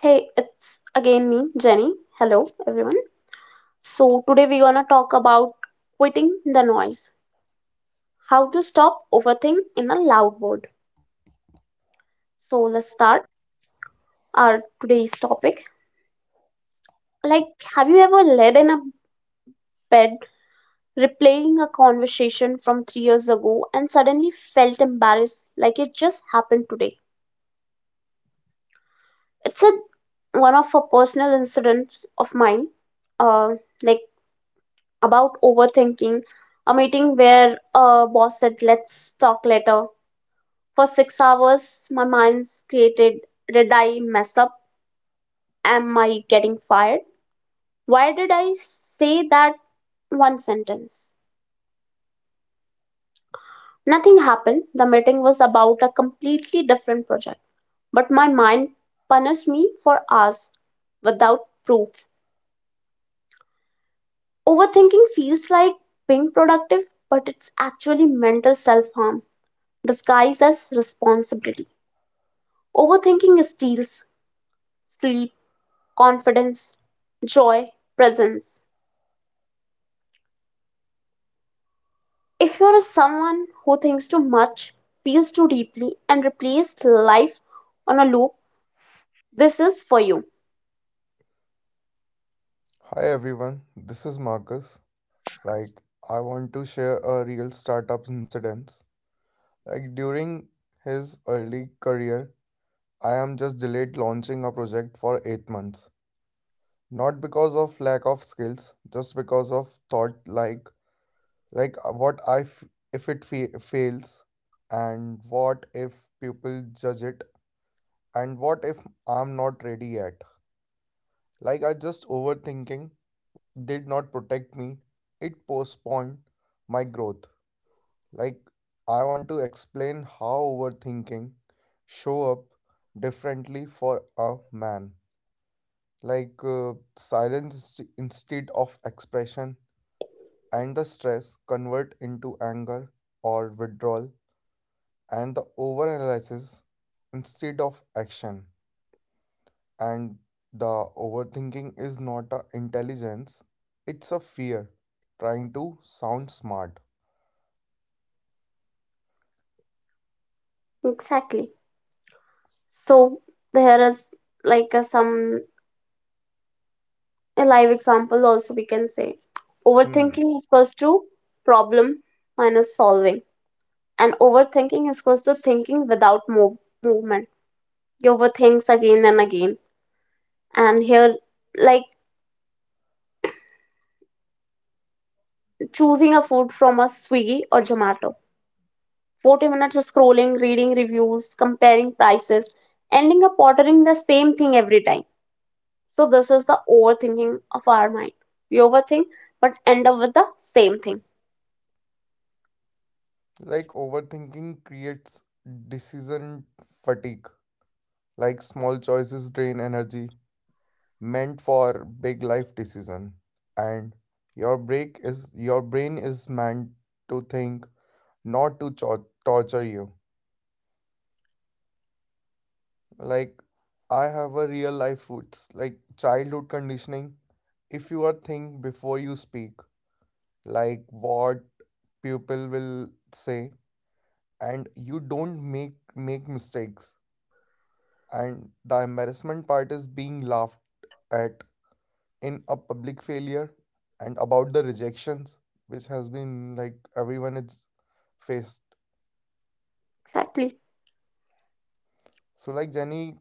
Hey, it's again me, Jenny. Hello, everyone. So, today we're gonna talk about quitting the noise, how to stop overthink in a loud world. So, let's start our today's topic. Like, have you ever laid in a bed replaying a conversation from 3 years ago and suddenly felt embarrassed like it just happened today? It's a One of a personal incidents of mine. Uh, like about overthinking, a meeting where a boss said, let's talk later. For 6 hours, my mind's created, did I mess up? Am I getting fired? Why did I say that one sentence? Nothing happened. The meeting was about a completely different project, but my mind punished me for hours without proof. Overthinking feels like being productive, but it's actually mental self harm disguised as responsibility. Overthinking steals sleep, confidence, joy, presence. If you're someone who thinks too much, feels too deeply, and replaces life on a loop, this is for you. Hi everyone, this is Marcus. Like, I want to share a real startup incident. During his early career, I am just delayed launching a project for 8 months. Not because of lack of skills, just because of thought like if it fails and what if people judge it and what if I'm not ready yet. Like I just overthinking did not protect me. It postponed my growth. Like, I want to explain how overthinking show up differently for a man. Silence instead of expression and the stress convert into anger or withdrawal and the overanalysis instead of action. And the overthinking is not a intelligence, it's a fear trying to sound smart. Exactly. So there is like a, some a live example also we can say. Hmm. Overthinking is equals to problem minus solving. And overthinking is equals to thinking without movement. You overthink again and again. And here like choosing a food from a Swiggy or Zomato. 40 minutes of scrolling, reading reviews, comparing prices, ending up ordering the same thing every time. So, this is the overthinking of our mind. We overthink but end up with the same thing. Like overthinking creates decision fatigue. Like small choices drain energy meant for big life decision. And your brain is meant to think, not to torture you. Like I have a real life roots, like childhood conditioning. If you are think before you speak, like what people will say, and you don't make mistakes and the embarrassment part is being laughed at in a public failure and about the rejections which has been like everyone is faced. Exactly. So like Jenny,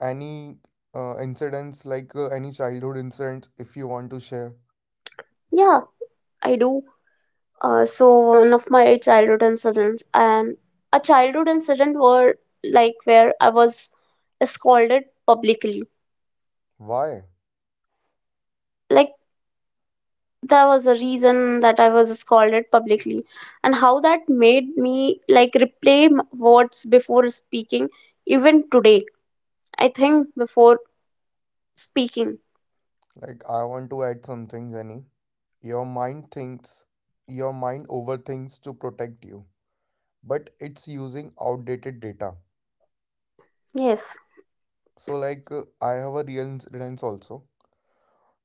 any incidents like any childhood incidents if you want to share Yeah, I do. So, one of my childhood incidents and a childhood incident were like where I was scolded publicly. why? Like, that was a reason that I was scolded publicly, and how that made me like replay words before speaking, even today. I think before speaking. Like I want to add something, Jenny. Your mind thinks, your mind overthinks to protect you, but it's using outdated data. Yes. So like I have a real incidents also,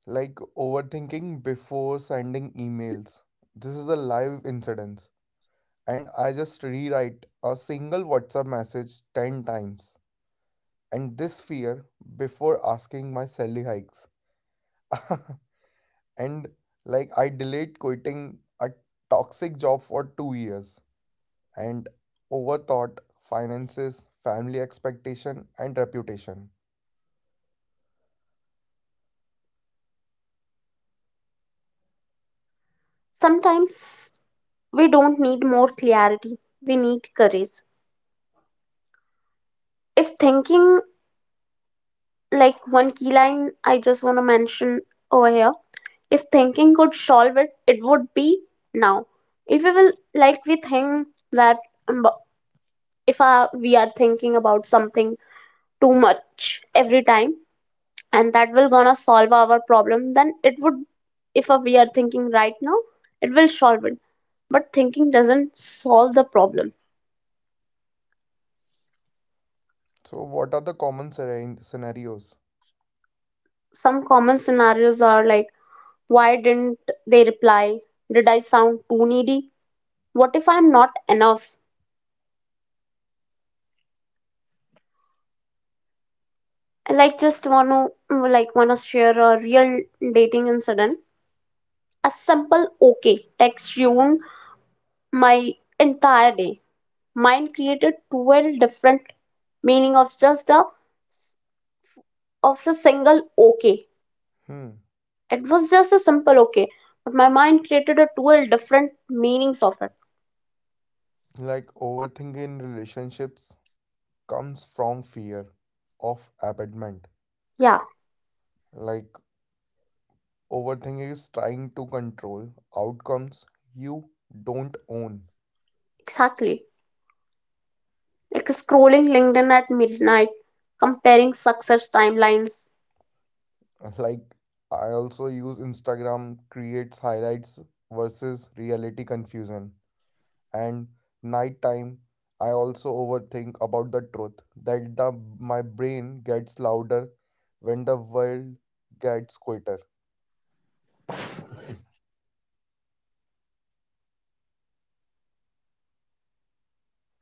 like overthinking before sending emails. This is a live incident, and I just rewrite a single WhatsApp message 10 times. And this fear before asking my salary hikes. And like I delayed quitting a toxic job for 2 years and overthought finances, family expectation and reputation. Sometimes we don't need more clarity, we need courage. If thinking, like one key line I just want to mention over here, if thinking could solve it, it would be now. If we will, like, we think that um, if we are thinking about something too much every time, and that will gonna solve our problem, then it would. If we are thinking right now it will solve it, but thinking doesn't solve the problem. So what are the common scenarios? Some common scenarios are like, why didn't they reply, did I sound too needy, what if I'm not enough. I like just wanna like wanna share a real dating incident. A simple okay text ruined my entire day. Mind created 12 different meaning of just a of a single okay. Hmm. It was just a simple okay, but my mind created a 12 different meanings of it. Like overthinking relationships, comes from fear of abandonment. Yeah, Like overthinking is trying to control outcomes you don't own. exactly, like scrolling LinkedIn at midnight, comparing success timelines. Like I also use Instagram creates highlights versus reality confusion. And nighttime I also overthink about the truth that the my brain gets louder when the world gets quieter.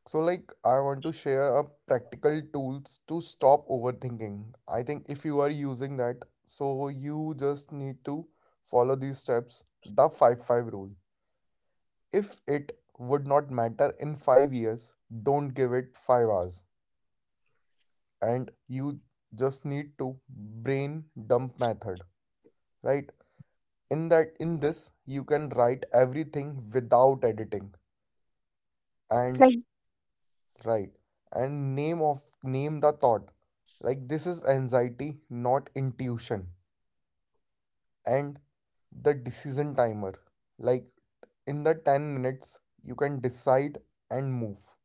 So, like, I want to share a practical tools to stop overthinking. I think if you are using that, so you just need to follow these steps. The 5-5 rule. If it would not matter in 5 years, don't give it 5 hours. And you just need to brain dump method, right? In this, you can write everything without editing. And Like right, and name the thought, like this is anxiety, not intuition. And the decision timer, like in the 10 minutes you can decide and move.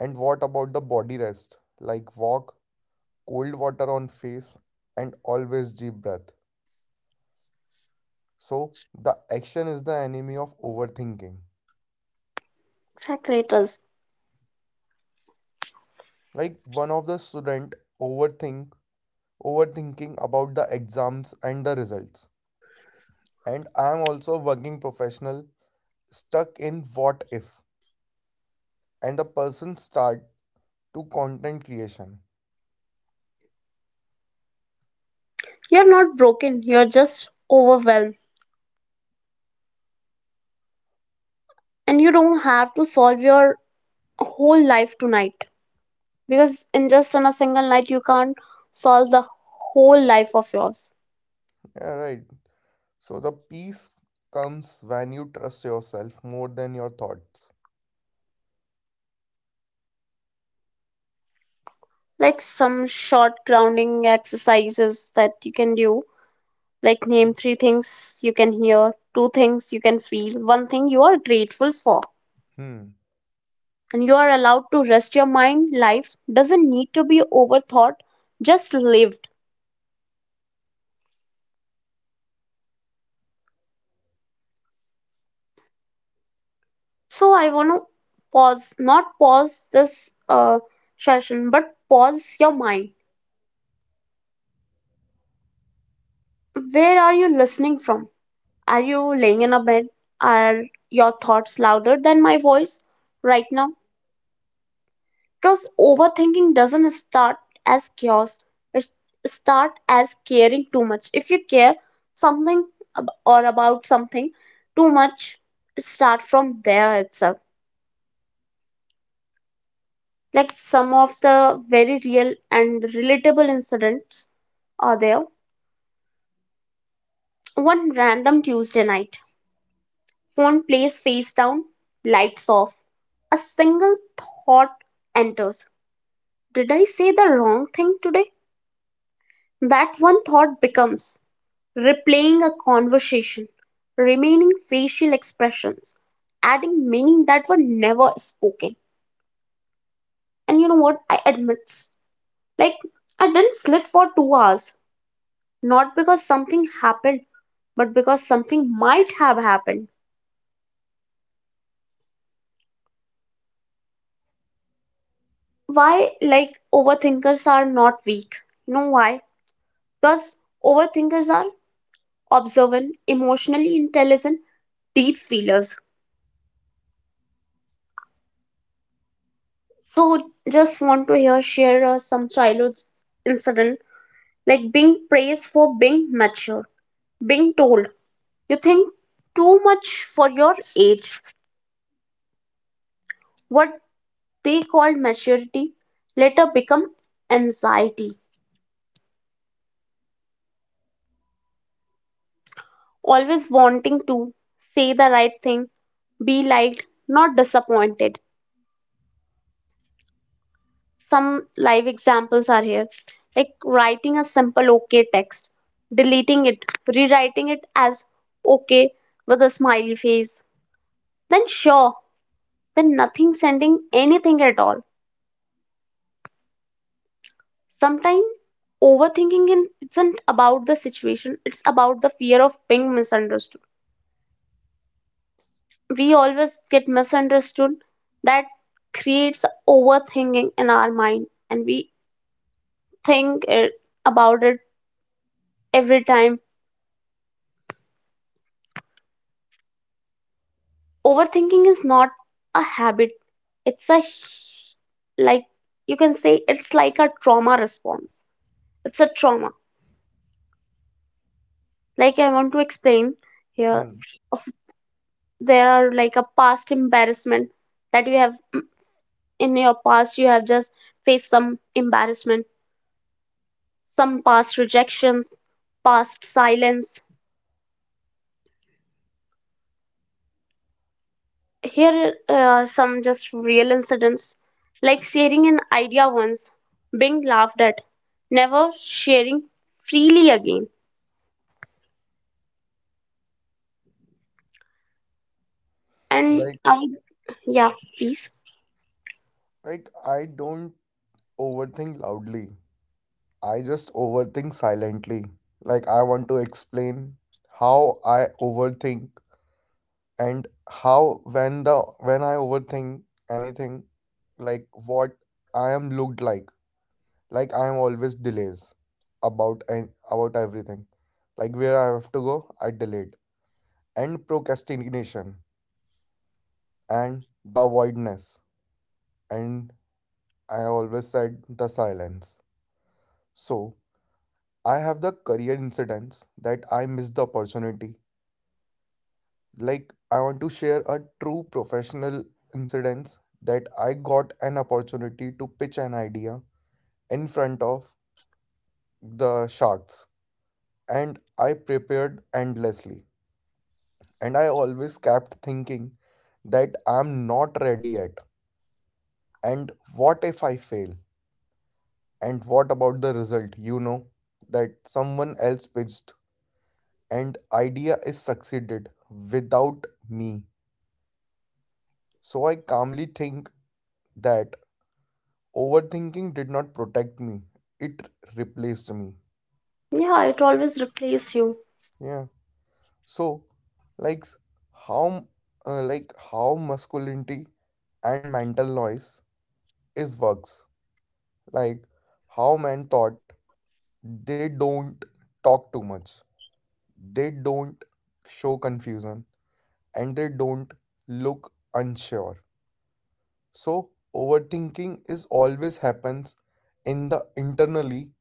And what about the body rest, like walk, cold water on face, and always deep breath. So the action is the enemy of overthinking. exactly it is, Like one of the student overthink overthinking about the exams and the results, and I'm also a working professional stuck in what if, and the person start to content creation. you're not broken, you're just overwhelmed, and you don't have to solve your whole life tonight, because in just on a single night you can't solve the whole life of yours. Yeah, right. So the peace comes when you trust yourself more than your thoughts. Like some short grounding exercises that you can do, like name three things you can hear, two things you can feel, one thing you are grateful for. Hmm. And you are allowed to rest your mind, life doesn't need to be overthought, just lived. So I want to pause, not pause this uh, session, but pause your mind. Where are you listening from? Are you laying in a bed? Are your thoughts louder than my voice right now? Because overthinking doesn't start as chaos. It start as caring too much. If you care something ab- or about something too much, start from there itself. Like some of the very real and relatable incidents are there. One random Tuesday night, phone plays face down, lights off, a single thought enters. Did I say the wrong thing today? That one thought becomes replaying a conversation, remaining facial expressions, adding meaning that were never spoken. And you know what? I admit, like, I didn't sleep for 2 hours, not because something happened, but because something might have happened. Why, like, overthinkers are not weak? You know why? Because overthinkers are observant, emotionally intelligent, deep feelers. So, just want to hear share some childhood incident. Like being praised for being mature, being told you think too much for your age. What they called maturity later become anxiety. Always wanting to say the right thing, be liked, not disappointed. Some live examples are here, like writing a simple okay text, deleting it, rewriting it as okay with a smiley face. Then sure, then nothing, sending anything at all. Sometimes overthinking isn't about the situation, it's about the fear of being misunderstood. We always get misunderstood. That creates overthinking in our mind, and we think it, about it every time. Overthinking is not a habit, it's a h- like you can say it's like a trauma response. It's a trauma. Like I want to explain here, Hmm. of, there are like a past embarrassment that we have. In your past you have just faced some embarrassment, some past rejections, past silence. Here are some just real incidents, like sharing an idea once, being laughed at, never sharing freely again. And Like I, yeah, please. like I don't overthink loudly. I just overthink silently. Like I want to explain how I overthink and how when I overthink anything, like what I am looked like. Like I am always delays about and about everything. Like where I have to go, I delayed. And procrastination and the avoidness. And I always said the silence. So I have the career incidents that I missed the opportunity. Like I want to share a true professional incidents that I got an opportunity to pitch an idea in front of the sharks, and I prepared endlessly. And I always kept thinking that I'm not ready yet. And what if I fail? And what about the result? You know, that someone else pitched and idea is succeeded without me. So I calmly think that overthinking did not protect me. It replaced me. Yeah, it always replaces you. Yeah. So like how like how masculinity and mental noise is works. Like how men thought they don't talk too much. They don't show confusion and they don't look unsure. So overthinking is always happens in the internally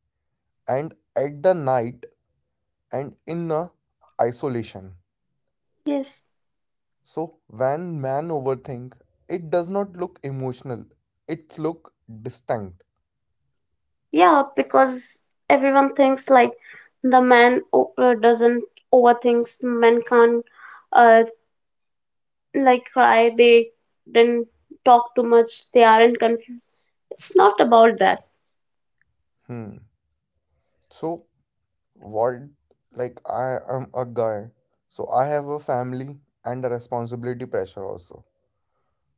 and at the night and in the isolation. Yes. So when man overthink, it does not look emotional. It look distinct. Yeah, because everyone thinks like the man doesn't overthinks, man can't uh, like cry, they didn't talk too much, they aren't confused, it's not about that. Hmm. So what, like, I am a guy, so I have a family and a responsibility pressure also.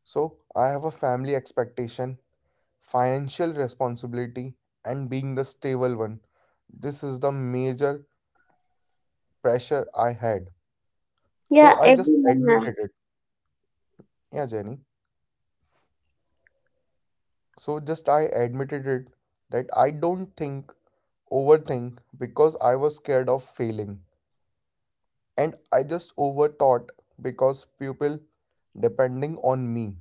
So, I have a family expectation, financial responsibility, and being the stable one. This is the major pressure I had. So, Yeah, I just everyone admitted has. it. Yeah, Jenny. So, just I admitted it that I don't think, overthink because I was scared of failing. And I just overthought because people depending on me.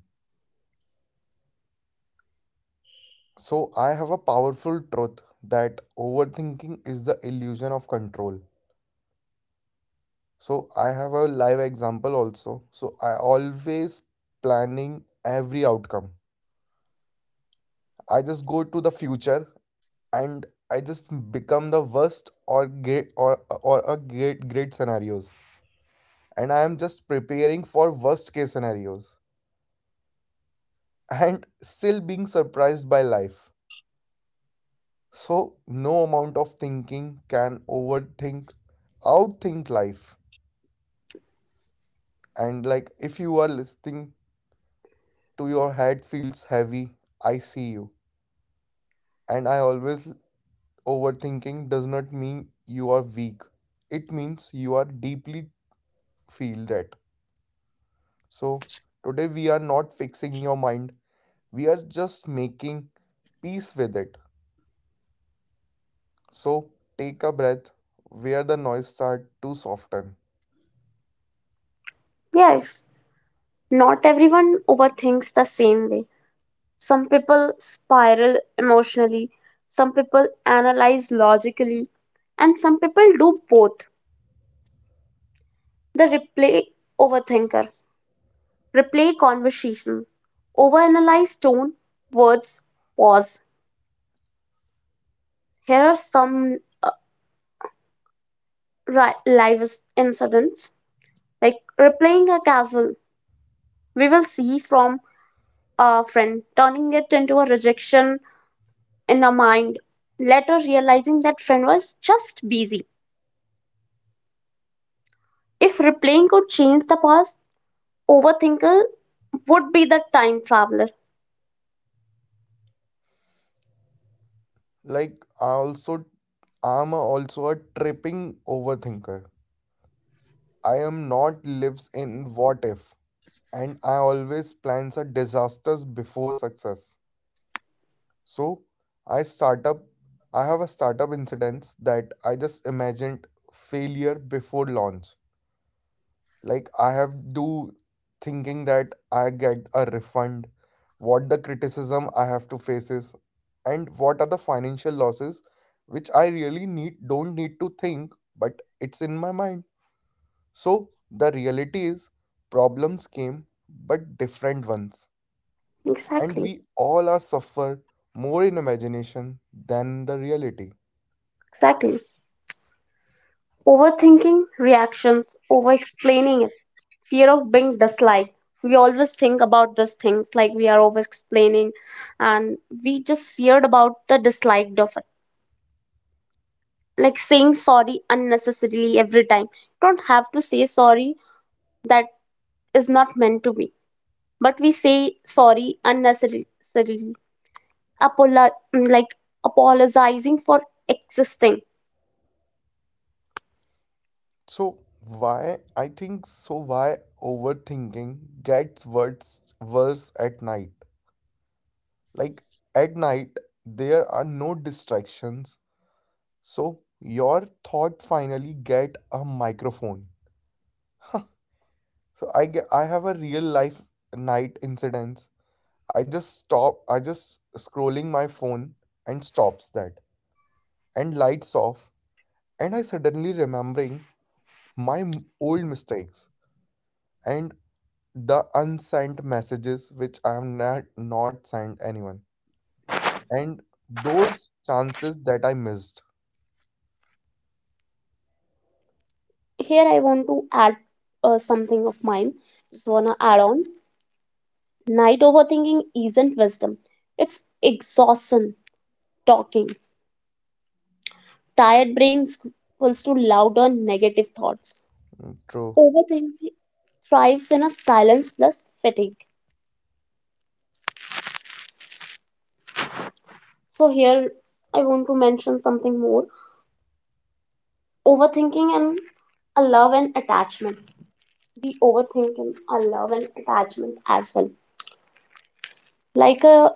So, I have a powerful truth that overthinking is the illusion of control. So, I have a live example also. So, I always planning every outcome. I just go to the future and I just become the worst or great or a great scenarios, and I am just preparing for worst case scenarios and still being surprised by life. So, no amount of thinking can overthink outthink life. And like if you are listening, to your head feels heavy, I see you. And I always overthinking does not mean you are weak, it means you are deeply feel that. So today we are not fixing your mind, we are just making peace with it. So take a breath where the noise start to soften. Yes, not everyone overthinks the same way. Some people spiral emotionally, some people analyze logically, and some people do both. The replay overthinker replay conversation, overanalyze tone, words, pause. Here are some uh, live incidents. Like replaying a castle, we will see from a friend, turning it into a rejection in our mind, later realizing that friend was just busy. If replaying could change the past, overthinker would be the time traveler. Like I'm also a tripping overthinker. I am not lives in what if, and I always plans a disasters before success. So I start up I have a startup incidents that I just imagined failure before launch. Like I have do thinking that I get a refund, what the criticism I have to face is, and what are the financial losses which I really need don't need to think, but it's in my mind. So the reality is problems came but different ones, and Exactly, we all are suffer more in imagination than the reality. exactly. Overthinking reactions, over explaining it, fear of being disliked. We always think about these things, like we are over explaining, and we just feared about the disliked of it, like saying sorry unnecessarily every time. Don't have to say sorry that is not meant to be. But we say sorry unnecessarily, like apologizing for existing. So why I think so why overthinking gets worse at night. Like at night there are no distractions, so your thought finally get a microphone. So I have a real life night incidents. I just scrolling my phone and stops that, and lights off, and I suddenly remembering my old mistakes, and the unsent messages which I am not sent anyone, and those chances that I missed. Here I want to add something of mine. Just wanna add on. Night overthinking isn't wisdom. It's exhaustion, talking. Tired brains equals to louder negative thoughts. True. Overthinking thrives in a silence plus fatigue. So here I want to mention something more. Overthinking and a love and attachment. We overthink and a love and attachment as well. Like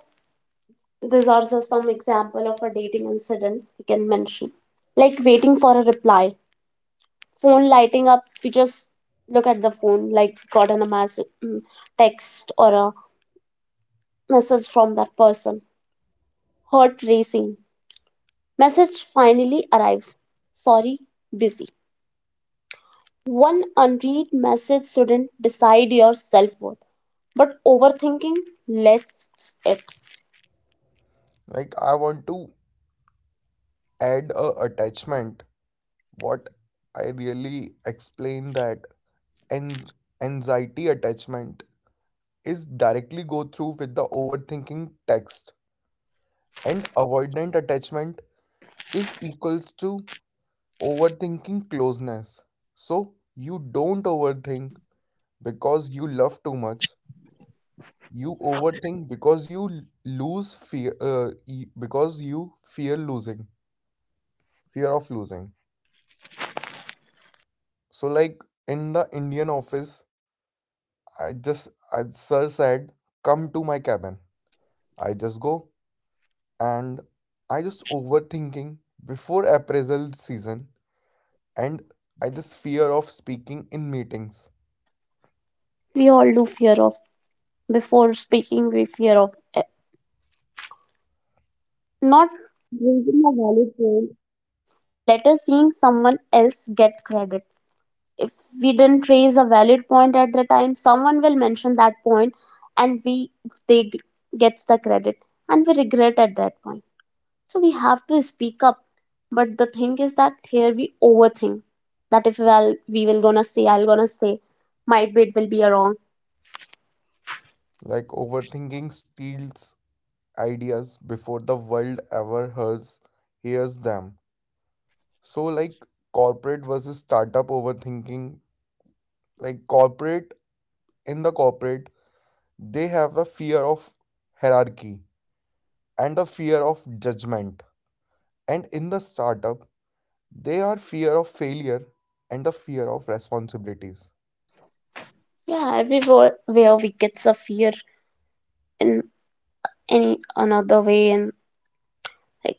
these are just some example of a dating incident we can mention. Like waiting for a reply, phone lighting up. We just look at the phone, like got an a message, text or a message from that person. Heart racing. Message finally arrives. Sorry, busy. One unread message shouldn't decide your self worth, but overthinking lets it. Like I want to add a attachment. What I really explain that, and anxiety attachment is directly go through with the overthinking text, and avoidant attachment is equals to overthinking closeness. So you don't overthink because you love too much, you overthink because you l- lose fear y- because you fear losing, fear of losing. So like in the indian office I just, as sir said, come to my cabin, I just go, and I just overthinking before appraisal season, and I just fear of speaking in meetings. We all do fear of, before speaking, we fear of not raising a valid point, let us seeing someone else get credit. If we didn't raise a valid point at the time, someone will mention that point, and we they g- gets the credit, and we regret at that point. So we have to speak up. But the thing is that here we overthink that if well we will gonna say I'll gonna say, might be it will be a wrong. Like overthinking steals ideas before the world ever hears them. So, like corporate versus startup overthinking, like corporate in the corporate, they have the fear of hierarchy and the fear of judgment. And in the startup, they are fear of failure and the fear of responsibilities. Yeah, everywhere where we get a fear in any another way, and like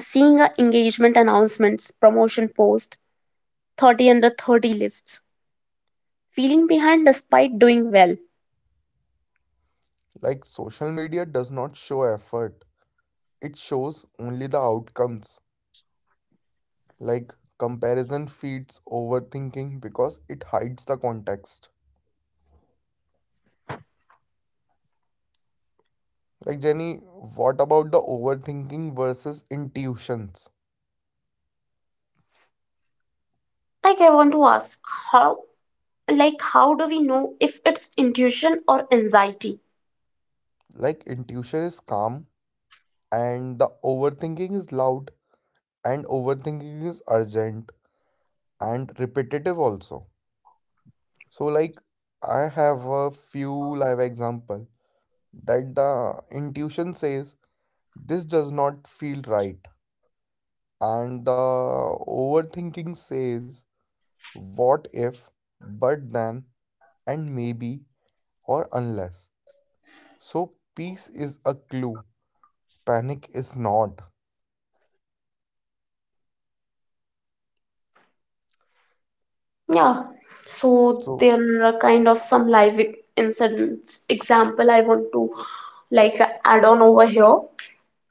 seeing our engagement announcements, promotion post, 30 under 30 lists, feeling behind despite doing well. Like social media does not show effort, it shows only the outcomes. Like comparison feeds overthinking because it hides the context. Like Jenny, what about the overthinking versus intuitions? Like I want to ask how like how do we know if it's intuition or anxiety? Like intuition is calm and the overthinking is loud, and overthinking is urgent and repetitive also. So like I have a few live example that the intuition says this does not feel right, and the overthinking says what if, but then, and maybe, or unless. So peace is a clue. Panic is not. Yeah, so So, there are kind of some live incidents. Example, I want to like add on over here.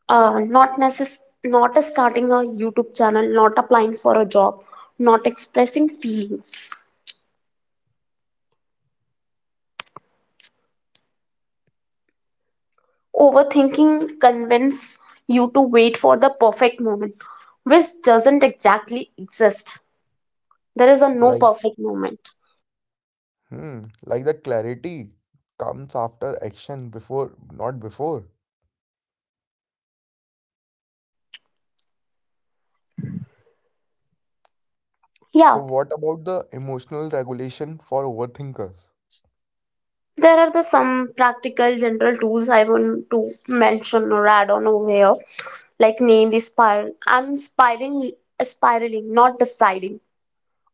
Not not starting a YouTube channel, not applying for a job, not expressing feelings. Overthinking convince you to wait for the perfect moment, which doesn't exactly exist. There is a no like, perfect moment. hmm, like the clarity comes after action, not before. So, Yeah, what about the emotional regulation for overthinkers? there are the some practical general tools I want to mention or add on over here, like name the spiral. I'm spiraling, spiraling, not deciding.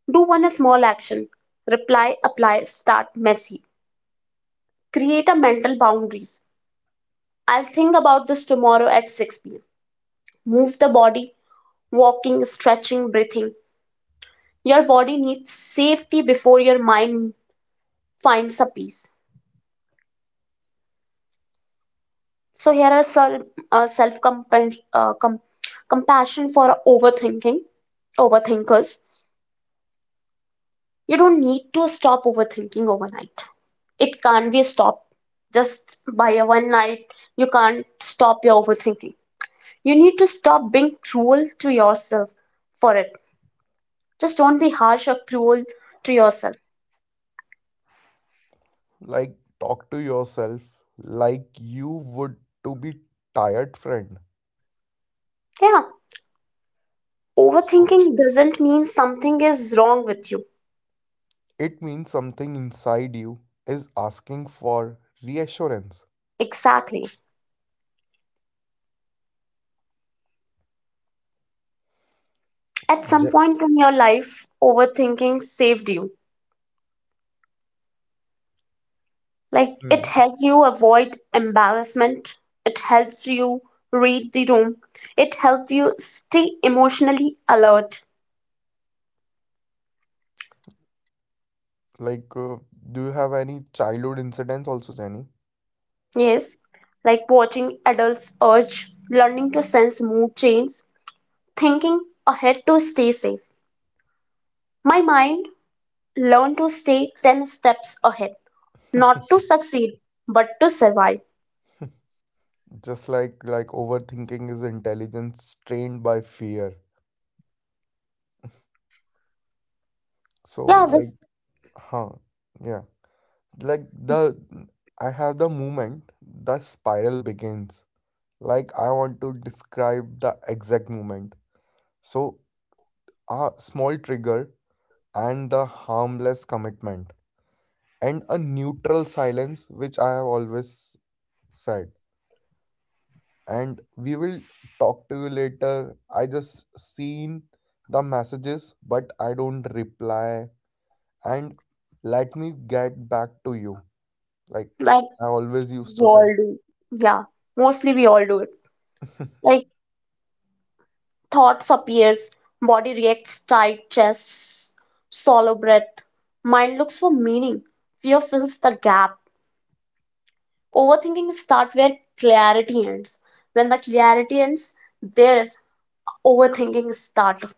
Do one small action. Reply, apply, start messy. Create a mental boundaries. I'll think about this tomorrow at 6 p.m. Move the body, walking, stretching, breathing. Your body needs safety before your mind finds a peace. So here are self compassion for overthinking overthinkers. You don't need to stop overthinking overnight. It can't be stopped just by a one night. You can't stop your overthinking. You need to stop being cruel to yourself for it. Just don't be harsh or cruel to yourself. Like, talk to yourself like you would to be tired friend. Yeah. So, Overthinking doesn't mean something is wrong with you. it means something inside you is asking for reassurance. Exactly. At some Je- point in your life, overthinking saved you. Like it hmm. helps you avoid embarrassment, it helps you read the room, it helps you stay emotionally alert. Like, do you have any childhood incidents also, Jenny? Yes, like watching adults urge, learning to sense mood changes, thinking ahead to stay safe. My mind learned to stay 10 steps ahead, not to succeed, but to survive. Just like overthinking is intelligence trained by fear. So Yeah, like this huh, yeah, like the I have the moment the spiral begins. Like I want to describe the exact moment. So a small trigger, and the harmless commitment, and a neutral silence which I have always said, and we will talk to you later, I just seen the messages but I don't reply, and let me get back to you. Like like I always used we to say, all do. Yeah, mostly we all do it. Like thoughts appears, body reacts, tight chest, shallow breath. Mind looks for meaning. Fear fills the gap. Overthinking starts where clarity ends. When the clarity ends, there overthinking starts.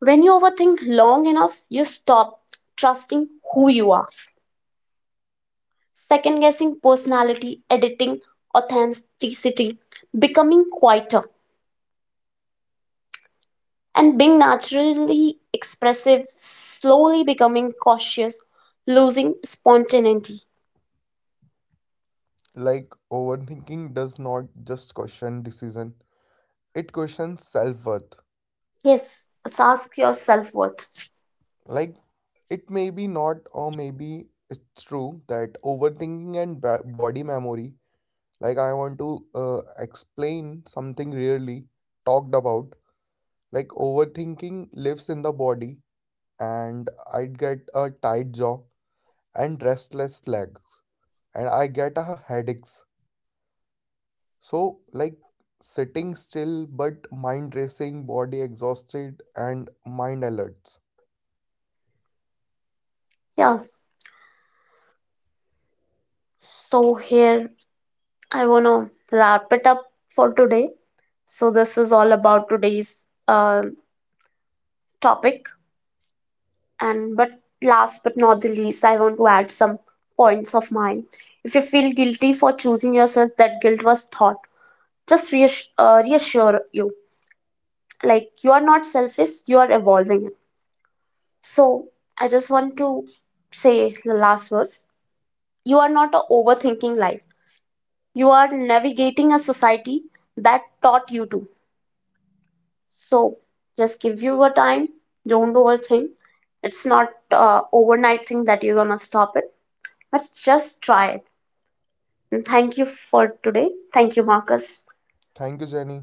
When you overthink long enough, you stop trusting who you are. Second guessing personality, editing authenticity, becoming quieter, and being naturally expressive, slowly becoming cautious, losing spontaneity. like overthinking does not just question decision, it questions self worth. Yes, let's ask your self worth. Like it may be not, or maybe it's true that overthinking and body memory, like I want to explain something really talked about. Like overthinking lives in the body, and I'd get a tight jaw and restless legs and I get a headaches. So like sitting still but mind racing, body exhausted and mind alerts. Yeah, so here I want to wrap it up for today. So, this is all about today's topic. And but last but not the least, I want to add some points of mine. If you feel guilty for choosing yourself, that guilt was thought. Just reassure you, like you are not selfish, you are evolving. So I just want to say the last words, you are not a overthinking life, you are navigating a society that taught you to. So just give you a time, don't overthink. It's not overnight thing that you're gonna stop it, but just try it. And thank you for today. Thank you, Marcus. Thank you, Jenny.